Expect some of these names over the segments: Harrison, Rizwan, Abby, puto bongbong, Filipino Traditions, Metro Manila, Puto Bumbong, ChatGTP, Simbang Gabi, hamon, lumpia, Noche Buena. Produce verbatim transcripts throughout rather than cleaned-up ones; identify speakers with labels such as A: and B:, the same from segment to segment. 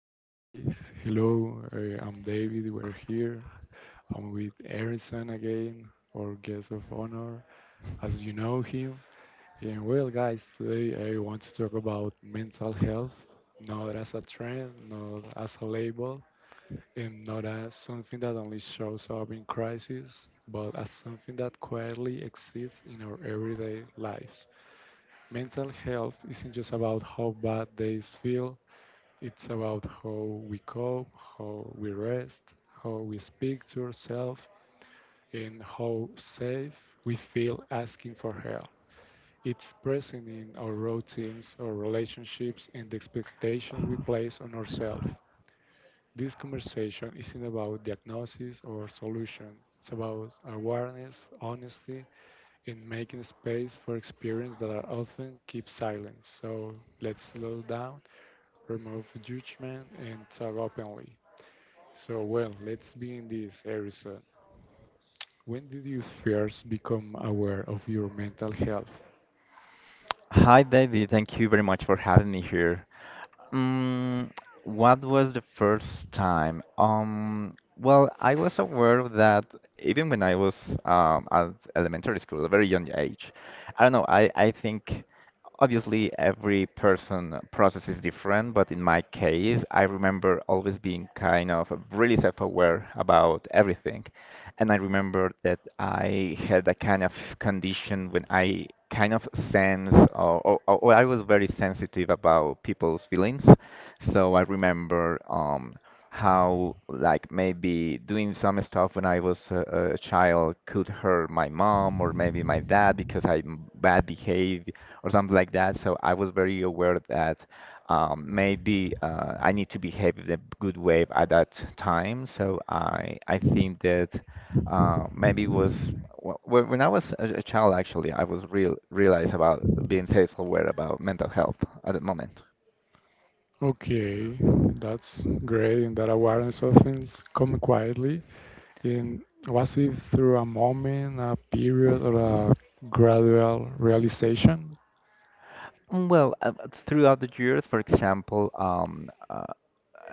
A: Hey guys, hello. Uh, I'm David. We're here. I'm with Harrison again, our guest of honor, as you know him. And well, guys, today I want to talk about mental health, not as a trend, not as a label, and not as something that only shows up in crisis, but as something that quietly exists in our everyday lives. Mental health isn't just about how bad days feel, it's about how we cope, how we rest, how we speak to ourselves, and how safe we feel asking for help. It's present in our routines, our relationships, and the expectations we place on ourselves. This conversation isn't about diagnosis or solution. It's about awareness, honesty, and making space for experiences that are often kept silent. So let's slow down, remove judgment, and talk openly. So, well, let's be in this, Harrison. When did you first become aware of your mental health?
B: Hi, David. Thank you very much for having me here. Um, what was the first time? Um, well, I was aware that even when I was um, at elementary school, a very young age, I don't know, I, I think obviously every person process is different, but in my case, I remember always being kind of really self-aware about everything. And I remember that I had a kind of condition when I kind of sense, or, or, or or I was very sensitive about people's feelings. So I remember um, how, like, maybe doing some stuff when I was a, a child could hurt my mom or maybe my dad because I'm bad behaved or something like that. So I was very aware that um, maybe uh, I need to behave in a good way at that time. So I I think that uh, maybe was wh- wh- when I was a, a child, actually I was real realized about being self-aware about mental health at the moment.
A: Okay, that's great, and that awareness of things come quietly. And was it through a moment, a period, or a gradual realization?
B: Mm, Well, uh, uh, throughout the years, for example, um, uh,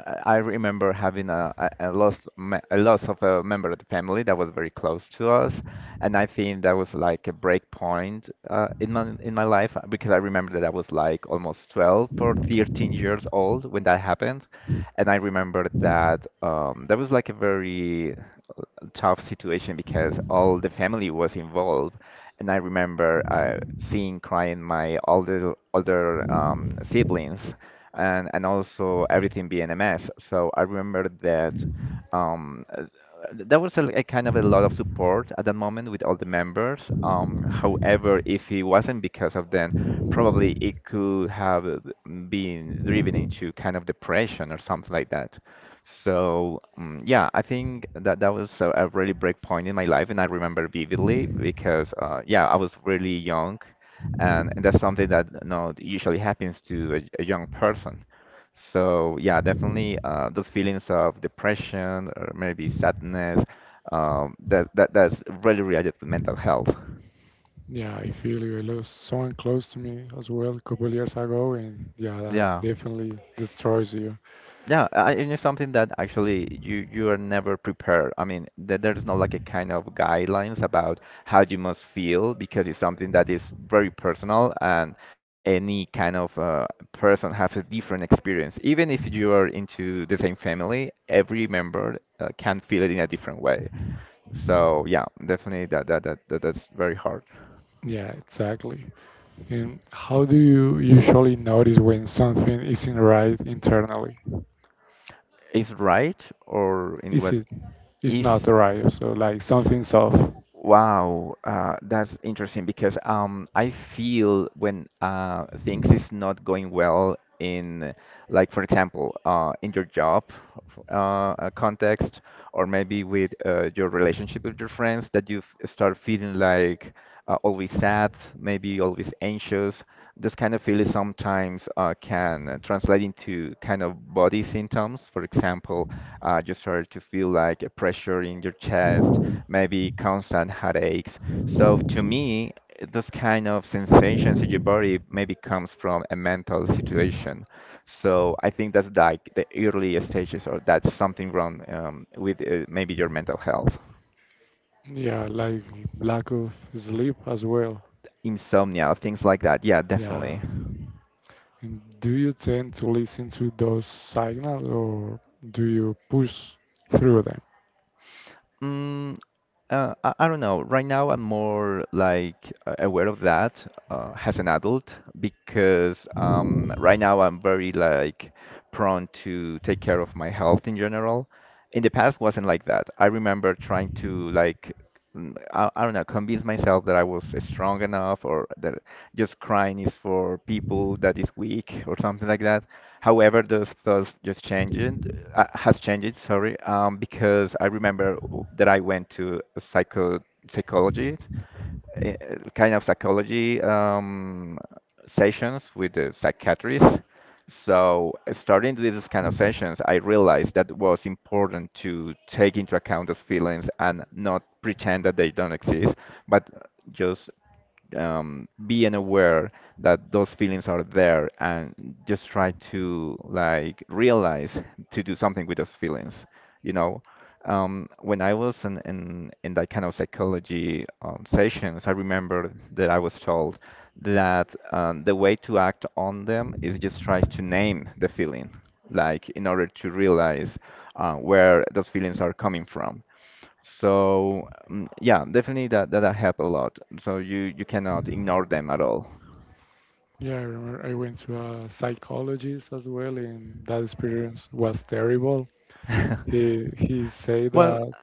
B: I I remember having a, a a loss me- a loss of a member of the family that was very close to us, and I think that was like a break point uh, in my in my life uh, because I remember that I was like almost twelve or thirteen years old when that happened, and I remember that um, that was like a very tough situation because all the family was involved. And I remember uh, seeing crying my older older um, siblings, and and also everything being a mess. So I remember that um, uh, there was a, a kind of a lot of support at that moment with all the members. Um, however, if it wasn't because of them, probably it could have been driven into kind of depression or something like that. So um, yeah, I think that that was a, a really break point in my life, and I remember vividly because uh, yeah, I was really young, and, and that's something that you know, usually happens to a, a young person. So yeah, definitely uh, those feelings of depression or maybe sadness, um, that that that's really related to mental health.
A: Yeah, I feel you. I lost someone close to me as well a couple years ago, and yeah, that
B: Yeah.
A: definitely destroys you.
B: Yeah, I, and it's something that actually you you are never prepared. I mean, there, there's no like a kind of guidelines about how you must feel because it's something that is very personal and any kind of uh, person has a different experience. Even if you are into the same family, every member uh, can feel it in a different way. So yeah, definitely that that, that, that that's very hard.
A: Yeah, exactly. And how do you usually notice when something isn't right internally?
B: Is right? Or in
A: Is
B: what
A: it is not
B: is
A: right? So like something's off.
B: Wow, uh, that's interesting because um, I feel when uh, things is not going well in, like, for example uh, in your job f- uh, uh, context, or maybe with uh, your relationship with your friends, that you f- start feeling like uh, always sad, maybe always anxious. This kind of feeling sometimes uh, can uh, translate into kind of body symptoms. For example, uh, you start to feel like a pressure in your chest, maybe constant headaches. So to me, those kind of sensations in your body maybe comes from a mental situation. So I think that's like the early stages, or that's something wrong um, with uh, maybe your mental health,
A: Yeah, like lack of sleep as well.
B: insomnia, things like that. Yeah, definitely.
A: Yeah. And do you tend to listen to those signals or do you push through them?
B: Mm, uh, I, I don't know. Right now, I'm more like uh, aware of that uh, as an adult, because um, right now I'm very like prone to take care of my health in general. In the past wasn't like that. I remember trying to, like, mm, I, I don't know, convince myself that I was strong enough, or that just crying is for people that is weak or something like that. However, those thoughts just changed, uh, has changed, sorry, um, because I remember that I went to a psycho psychologist, eh, kind of psychology um, sessions with the psychiatrist. So, starting these kind of sessions, I realized that was important to take into account those feelings and not pretend that they don't exist, but just um, being aware that those feelings are there, and just try to, like, realize to do something with those feelings. You know, um, when I was in, in in that kind of psychology um, sessions, I remember that I was told that um, the way to act on them is just try to name the feeling, like in order to realize uh, where those feelings are coming from. So mm, yeah, definitely that that helped a lot. So you you cannot ignore them at all.
A: Yeah, I remember I went to a psychologist as well, and that experience was terrible. He he said
B: Well,
A: that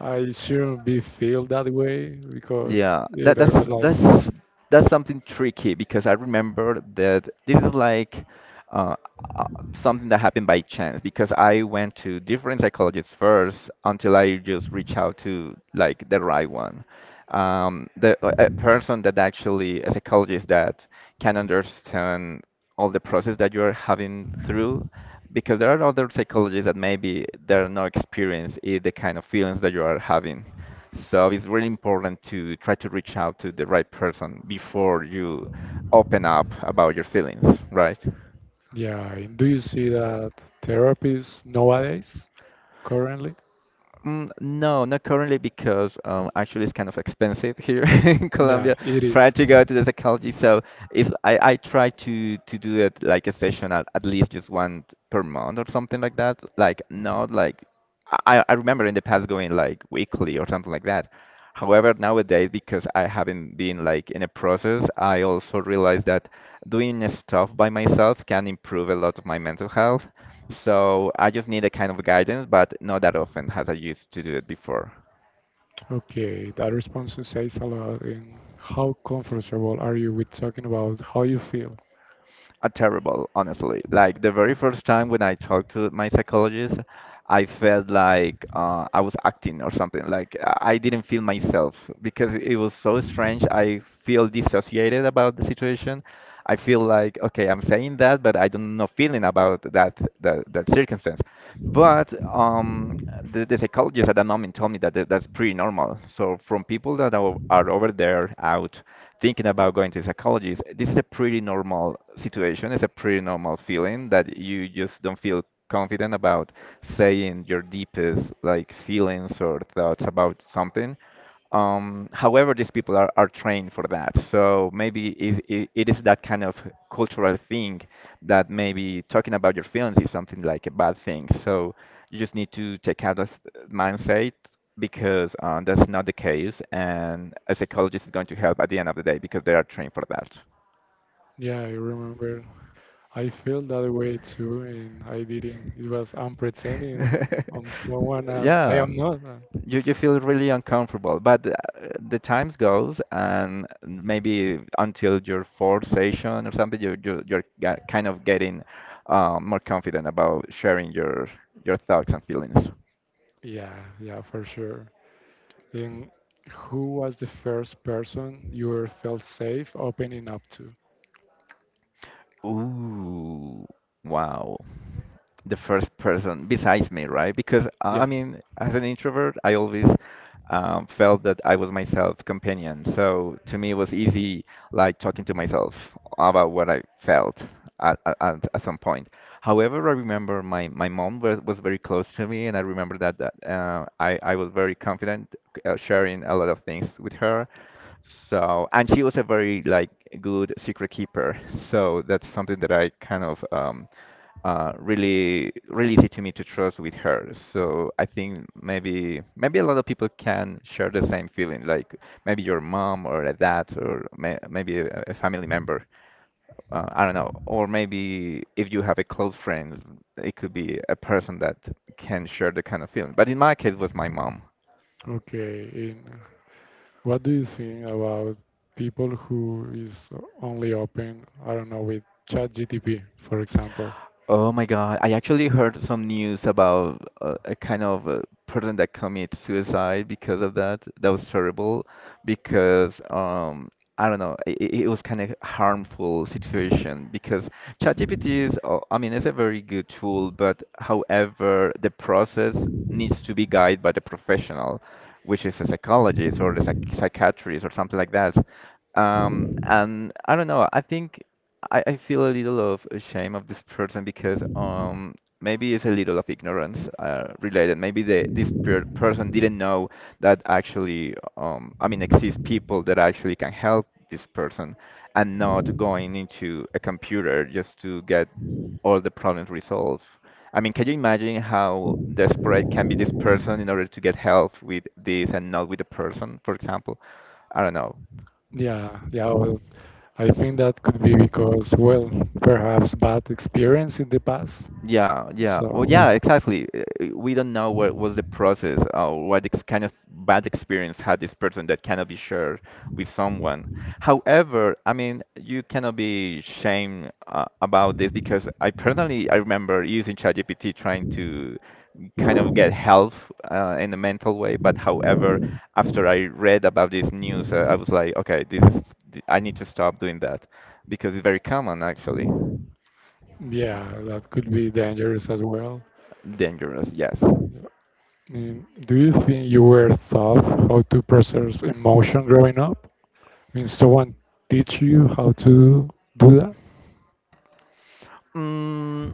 A: I shouldn't be feel that way because
B: yeah,
A: it
B: that
A: I
B: that's
A: was like,
B: that's that's something tricky because I remember that this is like uh, uh, something that happened by chance, because I went to different psychologists first until I just reach out to like the right one. Um, the, a a person that actually, a psychologist that can understand all the process that you're having through, because there are other psychologists that maybe they're not experienced in the kind of feelings that you are having. So it's really important to try to reach out to the right person before you open up about your feelings, right?
A: yeah. And do you see that therapies nowadays currently?
B: Mm, no, not currently, because um, actually it's kind of expensive here in
A: Yeah,
B: Colombia.
A: it is.
B: Try to go to the psychology, so if I, I try to to do it like a session at, at least just one per month or something like that. Like, not like I I remember in the past going like weekly or something like that. However, nowadays, because I haven't been like in a process, I also realize that doing stuff by myself can improve a lot of my mental health. So I just need a kind of guidance, but not that often as I used to do it before.
A: Okay, that response says a lot. And how comfortable are you with talking about how you feel?
B: A terrible, honestly. Like the
A: Uh,
B: very first time when I talked to my psychologist, I felt like uh, I was acting or something. Like I I didn't feel myself because it was so strange. I feel dissociated about the situation. I feel like, okay, I'm saying that, but I don't know feeling about that that, that circumstance. But um, the, the psychologist at that moment told me that that- that's pretty normal. So from people that are, are over there out thinking about going to psychology, is this is a pretty normal situation. It's a pretty normal feeling that you just don't feel confident about saying your deepest, like, feelings or thoughts about something. Um, however, these people are, are trained for that. So maybe it, it, it is that kind of cultural thing, that maybe talking about your feelings is something like a bad thing. So you just need to take out that mindset, because uh, that's not the case. And a psychologist is going to help at the end of the day because they are trained for that.
A: Yeah, I remember. I feel that way too, and I didn't. It was I'm pretending I'm someone I'm, I
B: Yeah.
A: am not. Uh,
B: You, you feel really uncomfortable, but uh, the times goes and maybe until your fourth session or something, you, you you're ga- kind of getting uh, more confident about sharing your your thoughts and feelings.
A: Yeah, yeah, for sure. And who was the first person you ever felt safe opening up to?
B: Ooh, wow. The first person besides me, right? Because uh, I
A: Yeah.
B: mean, as an introvert, I always um, felt that I was myself companion. So to me, it was easy, like talking to myself about what I felt at, at, at at some point. However, I remember my, my mom was, was very close to me, and I remember that, that uh, I, I was very confident uh, sharing a lot of things with her. So, and she was a very, like, good secret keeper. So that's something that I kind of um, uh, really, really easy to me to trust with her. So I think maybe, maybe a lot of people can share the same feeling, like maybe your mom or a dad, or may, maybe a, a family member. Uh, I don't know, or maybe if you have a close friend, it could be a person that can share the kind of feeling. But in my case, it was my mom.
A: Okay. And what do you think about people who is only open, I don't know, with ChatGTP, for example?
B: Oh my God, I actually heard some news about uh, a kind of a person that commits suicide because of that. That was terrible because um I don't know, it, it was kind of harmful situation, because ChatGPT is uh, I mean it's a very good tool, but however the process needs to be guided by the professional, which is a psychologist or a psych psychiatrist or something like that. Um, and I don't know, I think I, I feel a little of a shame of this person because um maybe it's a little of ignorance uh, related. Maybe the this per person didn't know that actually um I mean exist people that actually can help this person and not going into a computer just to get all the problems resolved. I mean, can you imagine how desperate can be this person in order to get help with this and not with the person, for example? I don't know.
A: Yeah, yeah, well, I think that could be because, well, perhaps bad experience in the past.
B: Yeah, yeah. Well,
A: So,
B: yeah, exactly. Uh, uh, We don't know what was the process or what ex kind of bad experience had this person that cannot be shared with someone. However, I mean, you cannot be shamed uh, about this because I personally I remember using ChatGPT trying to kind of get help uh, in a mental way. But however, after I read about this news, uh, I was like, okay, this is, I need to stop doing that because it's very common actually.
A: yeah, that could be dangerous as well.
B: Dangerous, yes.
A: Yeah. And do you think you were taught how to process emotion growing up? Mean, someone teach you how to do that?
B: Mm,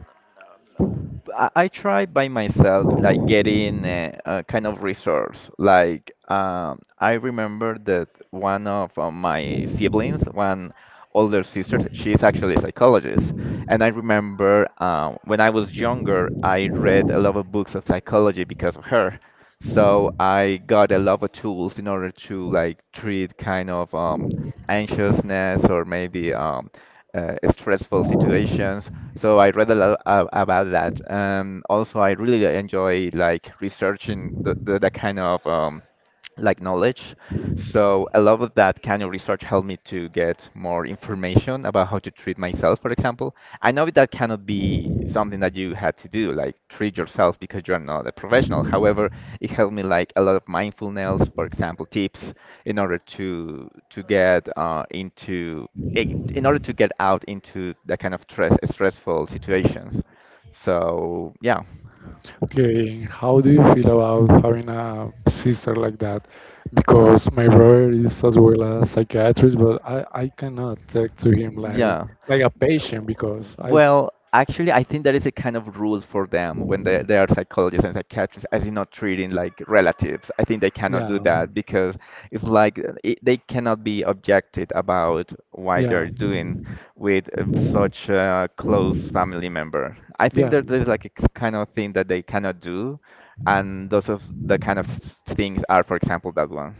B: I, I try by myself, like getting a, a kind of resource. Like um, I remember that one of uh, my siblings, one older sister. She is actually a psychologist. And I remember um, when I was younger, I read a lot of books of psychology because of her. So I got a lot of tools in order to like treat kind of um, anxiousness or maybe um, uh, stressful situations. So I read a lot a- about that. Um, also, I really enjoy like researching the, the, the kind of um, like knowledge. So a lot of that kind of research helped me to get more information about how to treat myself, for example. I know that cannot be something that you had to do, like treat yourself because you're not a professional. However, it helped me like a lot of mindfulness, for example, tips in order to to get uh, into i- in order to get out into the kind of stress, stressful situations. So yeah,
A: Okay, and how do you feel about having a sister like that? Because my brother is as well a psychiatrist, but I, I cannot talk to him like
B: yeah.
A: like a patient because I s-
B: Well, actually, I think that is a kind of rule for them when they, they are psychologists and psychiatrists, as in not treating like relatives. I think they cannot do
A: yeah,
B: that because it's like uh, it, they cannot be objected about why
A: yeah,
B: they're doing with uh, such a close family member. I think
A: yeah,
B: that there's like a k- kind of thing that they cannot do, and those of the kind of things are, for example, that one.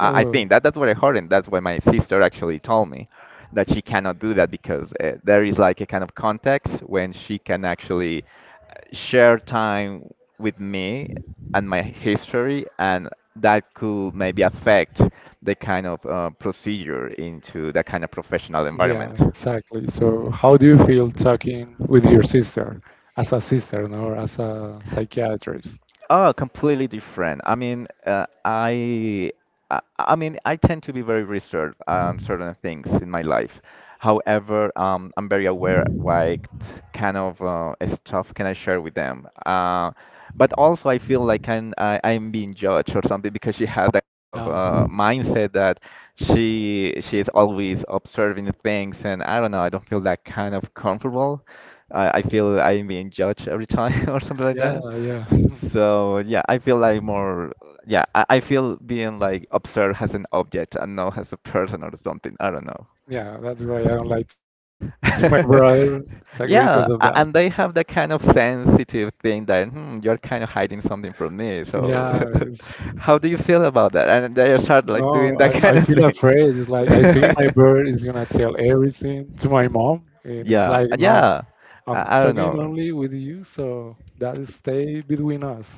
A: yeah,
B: I
A: well.
B: think that that's what I heard, and that's what my sister actually told me, that she cannot do that because uh, there is like a kind of context when she can actually eh, share time with me and my history, and that could maybe affect the kind of uh, procedure into that kind of professional
A: Yeah,
B: environment.
A: exactly. So, how do you feel talking with your sister as a sister, no, as a psychiatrist?
B: Oh, completely different. I mean, uh, I, I, I mean, I tend to be very reserved on certain things in my life. However, um, I'm very aware what kind of uh, stuff can I share with them. Uh, but also, I feel like I'm, I, I'm being judged or something because she had that kind of
A: Yeah,
B: uh, mindset that she she is always observing things, and I don't know. I don't feel that kind of comfortable. I, I
A: yeah,
B: feel I'm being judged every time or something like
A: yeah,
B: that.
A: yeah.
B: So yeah, I feel like more yeah, I, I feel being like observed as an object and not as a person or something. I don't know.
A: Yeah, that's why I don't like to talk to my brother exactly because
B: Yeah,
A: of
B: a-
A: that.
B: and they have that kind of sensitive thing that hmm, you're kind of hiding something from me. So
A: Yeah, it's,
B: how do you feel about that? And they start like doing
A: no,
B: that
A: I,
B: kind
A: I
B: of
A: feel
B: thing.
A: afraid. It's like I think my brother is gonna tell everything to my mom, and it's
B: Yeah,
A: like no,
B: yeah.
A: I'm
B: I, I don't
A: talking
B: know.
A: only with you, so that is stay between us.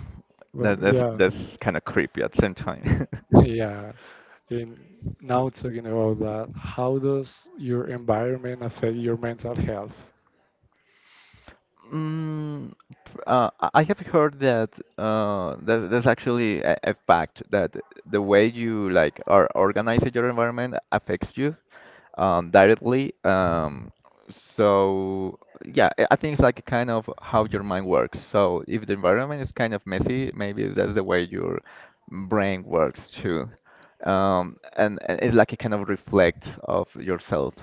A: But
B: That that's
A: yeah,
B: that's kind of creepy at the same time.
A: yeah. And now talking about that, how does your environment affect your mental health?
B: Mm, p- uh, I I have heard that uh, that that's actually a, a fact that the way you like are organize your environment affects you um, directly. Um, so yeah, I I think it's like kind of how your mind works. So if the environment is kind of messy, maybe that's the way your brain works too, um, and, and it's like a kind of reflect of yourself.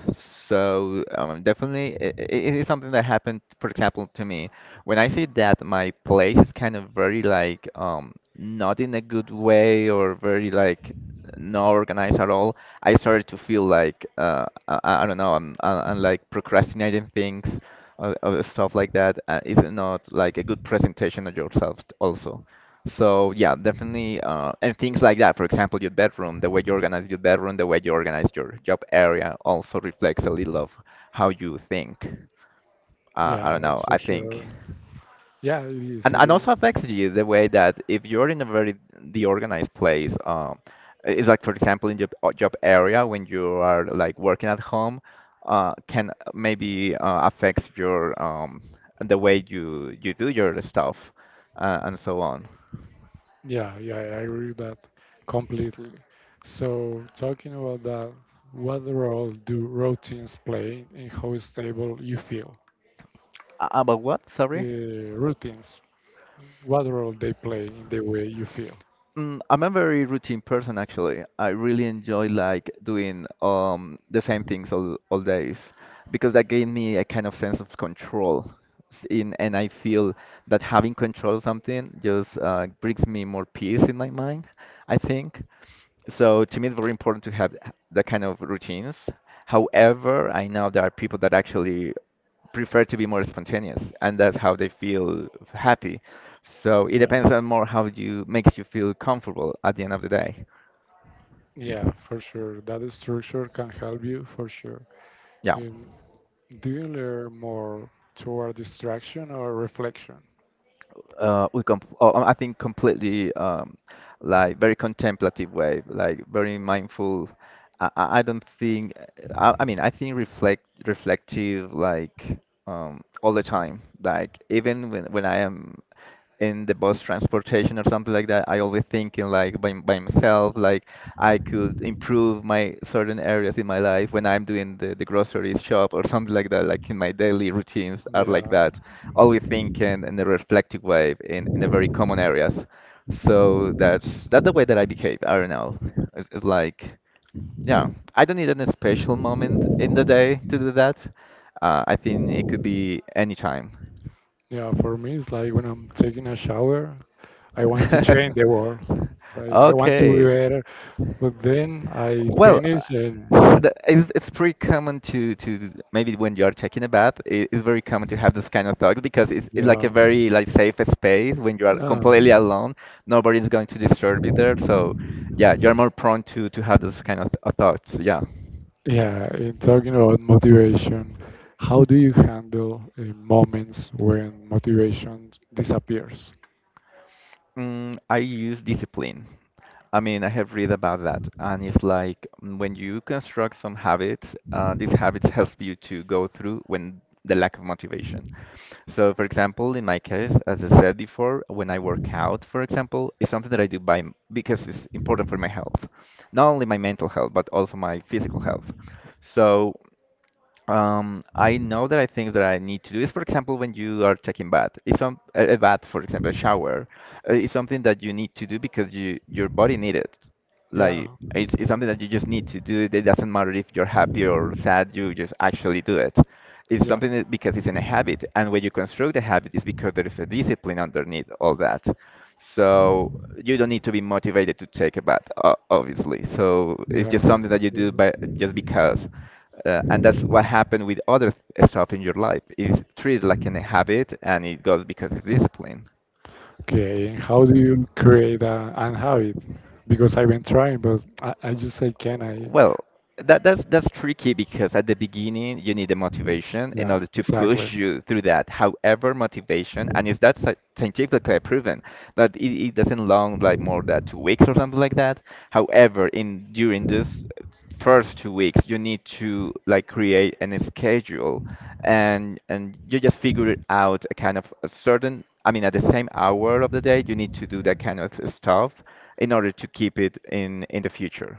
B: So um, definitely, it, it is something that happened, for example, to me. When I see that my place is kind of very like um, not in a good way or very like not organized at all, I started to feel like uh, I, I don't know, I'm, I- I'm like procrastinating things. Or, or stuff like that uh, is not like a good presentation of yourself also. So yeah, definitely, uh, and things like that. For example, your bedroom, the way you organize your bedroom, the way you organize your job area also reflects a little of how you think. Uh, I
A: Yeah,
B: don't know.
A: it's for
B: I think,
A: sure. Yeah, it is.
B: And
A: It
B: and
A: is.
B: also affects you the way that if you're in a very deorganized place, um, it's like for example in your uh, job area when you are like working at home, uh, can maybe uh, affects your um the way you you do your stuff, uh, and so on.
A: Yeah, yeah, I agree with that completely. So, talking about that, what role do routines play in how stable you feel?
B: A- About what?
A: Uh,
B: Sorry.
A: routines, what role they play in the way you feel?
B: Mm, I'm a very routine person actually. I really enjoy like doing um the same things all all days because that gave me a kind of sense of control. S- In and I feel that having control of something just uh, brings me more peace in my mind, I think. So to me, it's very important to have h- that kind of routines. However, I know there are people that actually prefer to be more spontaneous and that's how they feel happy. So it
A: Yeah,
B: depends on more how you makes you feel comfortable at the end of the day.
A: yeah, for sure. That structure can help you for sure.
B: Yeah.
A: Um, do you learn more toward distraction or reflection?
B: Uh, we com oh, um, I think completely um, like very contemplative way, like very mindful. I, I I don't think uh, I, I mean I think reflect reflective like um, all the time. Like even when when I am in the bus transportation or something like that, I always thinking like by, by myself, like I could improve my certain areas in my life when I'm doing the, the grocery shop or something like that, like in my daily routines are like
A: Yeah,
B: that. Always thinking in a reflective way in, in a very common areas. So that's that's the way that I behave. I don't know. It's, it's like yeah, I don't need any special moment in the day to do that. Uh, I think it could be any time.
A: yeah, for me, it's like when I'm taking a shower, I want to change the world. Like I want to be
B: Okay.
A: better, but then I
B: Well, uh,
A: finish and
B: the, it's, it's pretty common to, to maybe when you're checking a bath, i- it's very common to have this kind of thoughts because it's, it's like a
A: yeah,
B: very like safe space when you are
A: yeah,
B: completely alone. Nobody's going to disturb you there, so yeah, you're more prone to to have this kind of, of thoughts. Yeah.
A: yeah. In talking about motivation, how do you handle uh, moments when motivation disappears?
B: Mm, I use discipline. I mean, I have read about that, and it's like mm, when you construct some habits, uh, these habits help you to go through when the lack of motivation. So, for example, in my case, as I said before, when I work out, for example, it's something that I do by m- because it's important for my health, not only my mental health, but also my physical health. So. Um, I know that I think that I need to do is, for example, when you are taking bath. It's some a a bath, for example, a shower, uh, is something that you need to do because you your body need it,
A: Yeah,
B: like it's, it's something that you just need to do. It doesn't matter if you're happy or sad, you just actually do it. It's
A: yeah,
B: something that, because it's in a habit, and when you construct a habit, it's because there is a discipline underneath all that. So you don't need to be motivated to take a bath, o- obviously. So it's
A: yeah,
B: just something that you do by just because. Uh, and that's what happened with other th- stuff in your life. It's treated like an
A: yeah.
B: habit, and it goes because it's discipline.
A: Okay, and how do you create a, an habit? Because I've been trying, but I, I just say, can I?
B: Well, that that's that's tricky because at the beginning you need the motivation in
A: Yeah,
B: order to push
A: exactly.
B: you through that. However, motivation, and is that sci- scientifically proven that it, it doesn't long like more than two weeks or something like that. However, in during this first two weeks, you need to like create an schedule and and you just figure it out a kind of a certain. I mean, at the same hour of the day, you need to do that kind of stuff in order to keep it in in the future.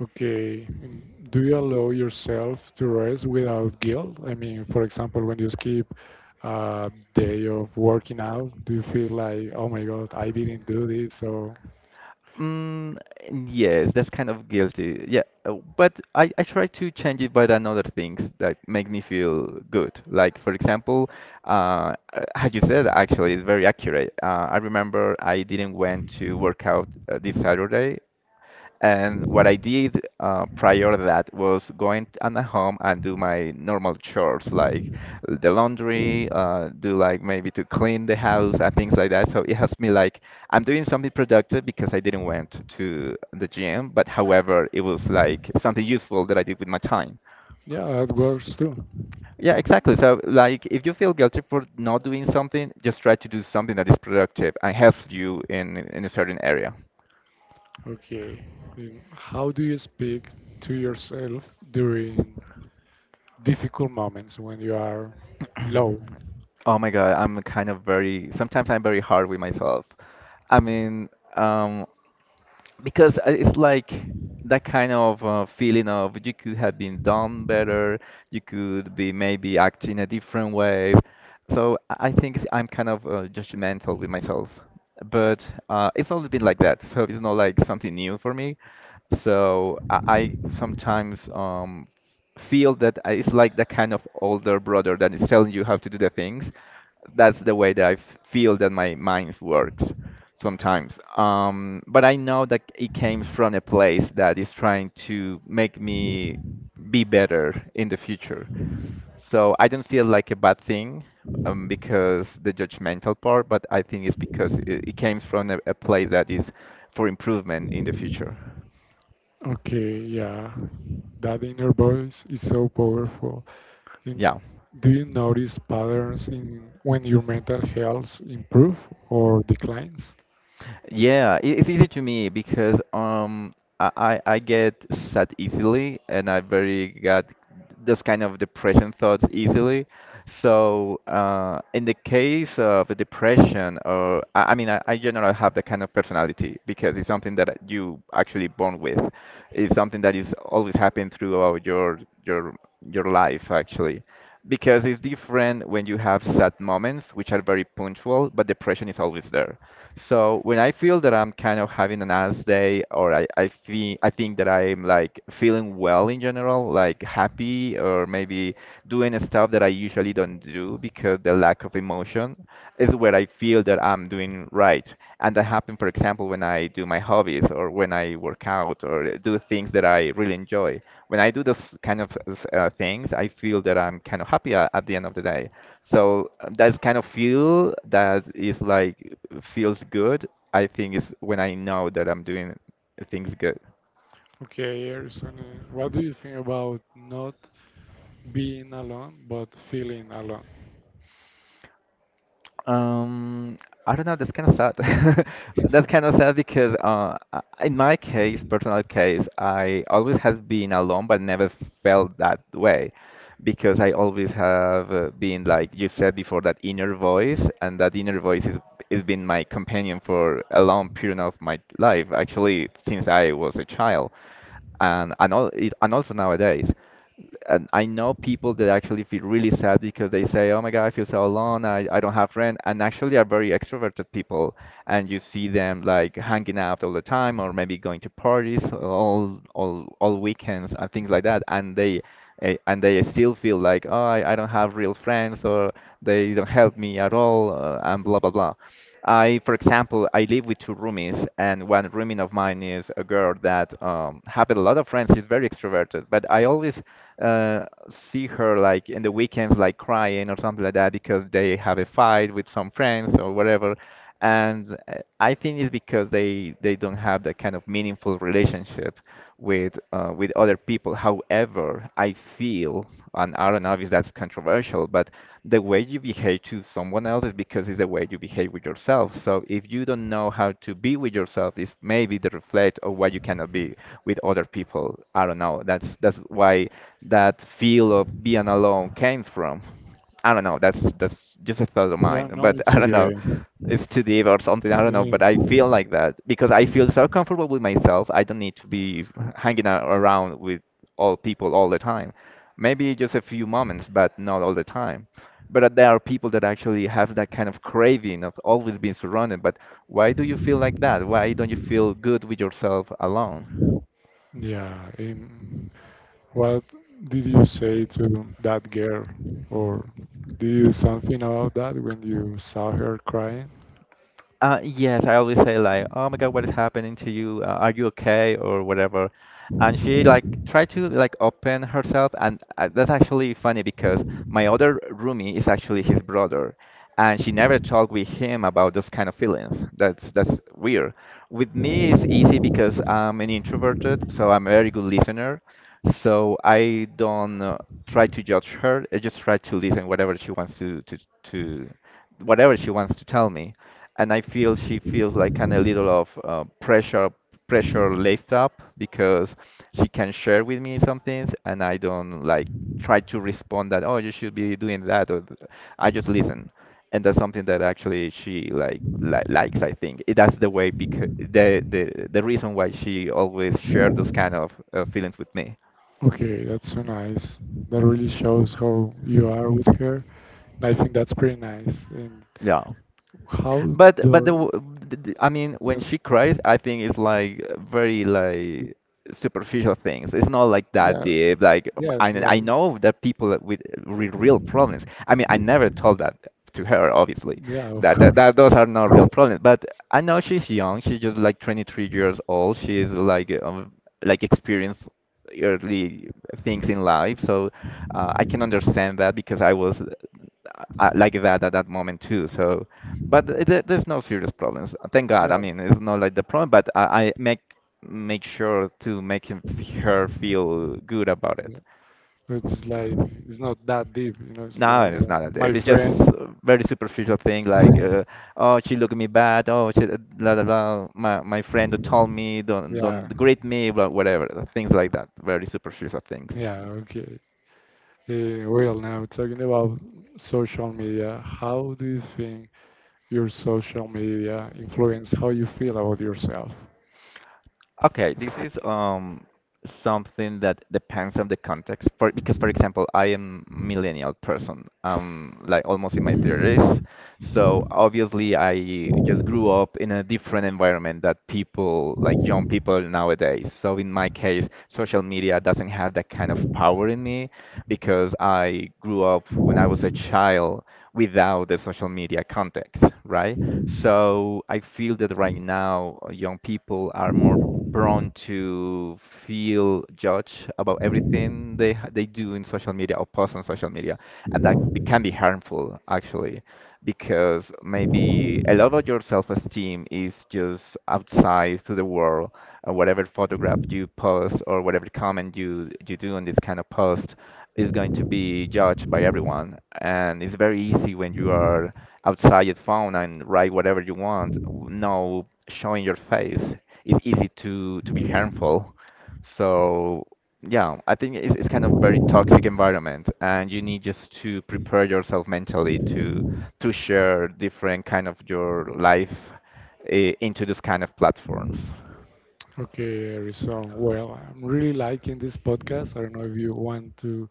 A: Okay. and do you allow yourself to rest without guilt? I mean, for example, when you skip a day of working out, do you feel like, oh my God, I didn't do this? So,
B: Mm, yes, that's kind of guilty. Yeah, uh, but I, I try to change it by another things that make me feel good. Like for example, uh, uh, as you said, actually, it's very accurate. Uh, I remember I didn't went to work out uh, this Saturday and what I did uh, prior to that was going on the home and do my normal chores like the laundry, uh, do like maybe to clean the house and things like that. So it helps me like I'm doing something productive because I didn't went to the gym, but however, it was like something useful that I did with my time.
A: yeah, that
B: S-
A: works too.
B: Yeah, exactly. So, like, if you feel guilty for not doing something, just try to do something that is productive and helps you in in a certain area.
A: Okay. Then how do you speak to yourself during difficult moments when you are low?
B: Oh my God, I'm kind of very, sometimes I'm very hard with myself. I mean, um, because I- it's like that kind of uh, feeling of you could have been done better, you could be maybe acting a different way. So I I think it's- I'm kind of uh, judgmental with myself. But uh, it's always been like that, so it's not like something new for me. So I, I sometimes um, feel that I- it's like the kind of older brother that is telling you how to do the things. That's the way that I f- feel that my mind works sometimes. Um, but I know that it came from a place that is trying to make me be better in the future. So I don't see it like a bad thing um, because the judgmental part, but I think it's because it, it came from a, a place that is for improvement in the future.
A: Okay, yeah. That inner voice is so powerful. And
B: Yeah.
A: do you notice patterns in when your mental health improve or declines?
B: Yeah, it- it's easy to me because um I I I get sad easily and I very got those kind of depression thoughts easily. So uh, in the case of a depression, or I, I mean, I, I generally have that kind of personality because it's something that you actually born with. It's something that is always happening throughout your your your life actually because it's different when you have sad moments, which are very punctual, but depression is always there. So when I feel that I'm kind of having an ass day, or I, I feel I think that I'm like feeling well in general, like happy, or maybe doing stuff that I usually don't do because the lack of emotion is where I feel that I'm I'm doing right. And that happens, for example, when I do my hobbies or when I work out or do things that I really enjoy. When I do those kind of uh, things, I feel that I'm kind of happy at, at the end of the day. So uh, that's kind of feel that is like feels good. I think is when I know that I'm doing things good.
A: Okay, Harrison, uh, what do you think about not being alone but feeling alone?
B: Um, I don't know. That's kind of sad.
A: Yeah,
B: That's kind of sad because uh, I- in my case, personal case, I always have been alone, but never felt that way, because I always have uh, been like you said before, that inner voice, and that inner voice is has been my companion for a long period of my life, actually, since I was a child and and, all, it, and also nowadays and I know people that actually feel really sad because they say, "Oh my God, I feel so alone. I, I don't have friends." And actually, are very extroverted people, and you see them like hanging out all the time, or maybe going to parties all all all weekends and things like that. And they eh, and they still feel like, "Oh, I, I don't have real friends, or they don't help me at all," uh, and blah blah blah. I, for example, I live with two roomies, and one roomie of mine is a girl that um, have a lot of friends. She's very extroverted, but I always uh, see her like in the weekends, like crying or something like that, because they have a fight with some friends or whatever. And uh, I think it's because they they don't have that kind of meaningful relationship with uh, with other people. However, I feel, and I don't know if that's controversial, but the way you behave to someone else is because it's the way you behave with yourself. So if you don't know how to be with yourself, it's maybe the reflect of what you cannot be with other people. I don't know. That's that's why that feel of being alone came from. I don't know. That's that's just a thought of
A: yeah,
B: mine.
A: no,
B: But
A: it's
B: I don't know.
A: okay.
B: It's too deep or something. I don't know. But I
A: Uh,
B: feel like that because I feel so comfortable with myself. I don't need to be hanging a- around with all people all the time. Maybe just a few moments, but not all the time. But uh, there are people that actually have that kind of craving of always being surrounded. But why do you feel like that? Why don't you feel good with yourself alone?
A: yeah, um, what did you say to that girl, or did you do something about that when you saw her crying?
B: Uh, yes, I always say like, "Oh my God, what is happening to you? Uh, are you okay?" or whatever. And she like tried to like open herself, and uh, that's actually funny because my other roomie is actually his brother, and she never talked with him about those kind of feelings. That's that's weird. With me, it's easy because I'm an introverted, so I'm a very good listener. So I don't uh, try to judge her. I just try to listen whatever she wants to to to whatever she wants to tell me and I feel she feels like kind of a little of uh, pressure pressure left up because she can share with me some things and I don't like try to respond that oh you should be doing that or th- I just listen and that's something that actually she like li- likes I think It- that's the way because the, the the reason why she always shared those kind of uh, feelings with me,
A: Okay, that's so nice. That really shows how you are with her. And I think that's pretty nice. And
B: yeah.
A: how
B: But
A: the
B: but the, w- the the- I mean, when
A: yeah,
B: she cries, I think it's like very
A: it,
B: like superficial things. It's not like that
A: yeah,
B: deep. Like
A: yeah,
B: I
A: it's
B: I
A: like
B: know that people that with re- real problems. I mean, I never told that to her, obviously.
A: yeah, of
B: That, that
A: course.
B: that those are not real problems. But I know she's young. She's just like twenty-three years old. She's like um, like experienced early things in life. So uh, I can understand that because I was uh, uh, like that at that moment too. So, but th- there, there's no serious problems. Thank God. I
A: Yeah,
B: mean, it's not like the problem, but I, I make make sure to make him, her feel good about it.
A: it's like it's not that deep, you know. It's
B: No,
A: like
B: it's
A: uh,
B: not a
A: my
B: dip. It's just
A: friend,
B: a very superficial thing like, uh, oh, she looked at me bad. Oh, she, blah, blah, blah. My, my friend told me, don't,
A: yeah,
B: don't grade me, blah, whatever. Things like that. Very superficial things.
A: yeah, okay. Eh, well, now talking about social media, how do you think your social media influence how you feel about yourself?
B: Okay, this is um something that depends on the context. For because, for example, I am millennial person. I'm like almost in my thirties, so obviously I just grew up in a different environment that people like young people nowadays. So in my case, social media doesn't have that kind of power in me because I grew up when I was a child without the social media context, right? So I feel that right now uh, young people are more prone to feel judged about everything they ha- they do in social media or post on social media, and that be- can be harmful actually, because maybe a lot of your self-esteem is just outside to the world, or whatever photograph you post or whatever comment you you do on this kind of post is going to be judged by everyone, and it's very easy when you are outside your phone and write whatever you want. No, showing your face is easy to to be harmful. So yeah, I think it's it's kind of very toxic environment, and you need just to prepare yourself mentally to to share different kind of your life uh, into this kind of platforms.
A: Okay, Rizon. Well, I'm really liking this podcast. I don't know if you want to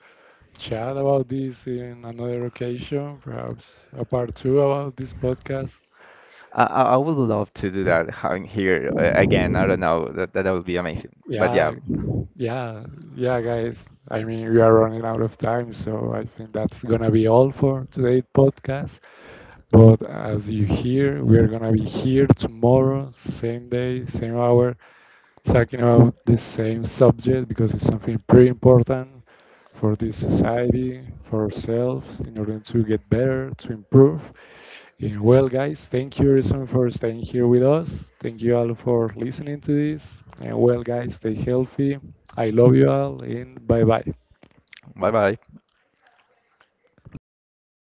A: chat about this in another occasion, perhaps a part two about this podcast.
B: I, I I would love to do that uh, here uh, again. I don't know. That that would be amazing. But yeah,
A: Yeah, yeah, yeah, guys. I mean, we are running out of time, so I think that's gonna be all for today's podcast. But as you hear, we're gonna be here tomorrow, same day, same hour, talking about the same subject because it's something pretty important for this society, for ourselves, in order to get better, to improve. Uh, Well, guys, thank you, Rizwan, for staying here with us. Thank you all for listening to this. And well, guys, stay healthy. I love you all, and bye bye.
B: bye bye.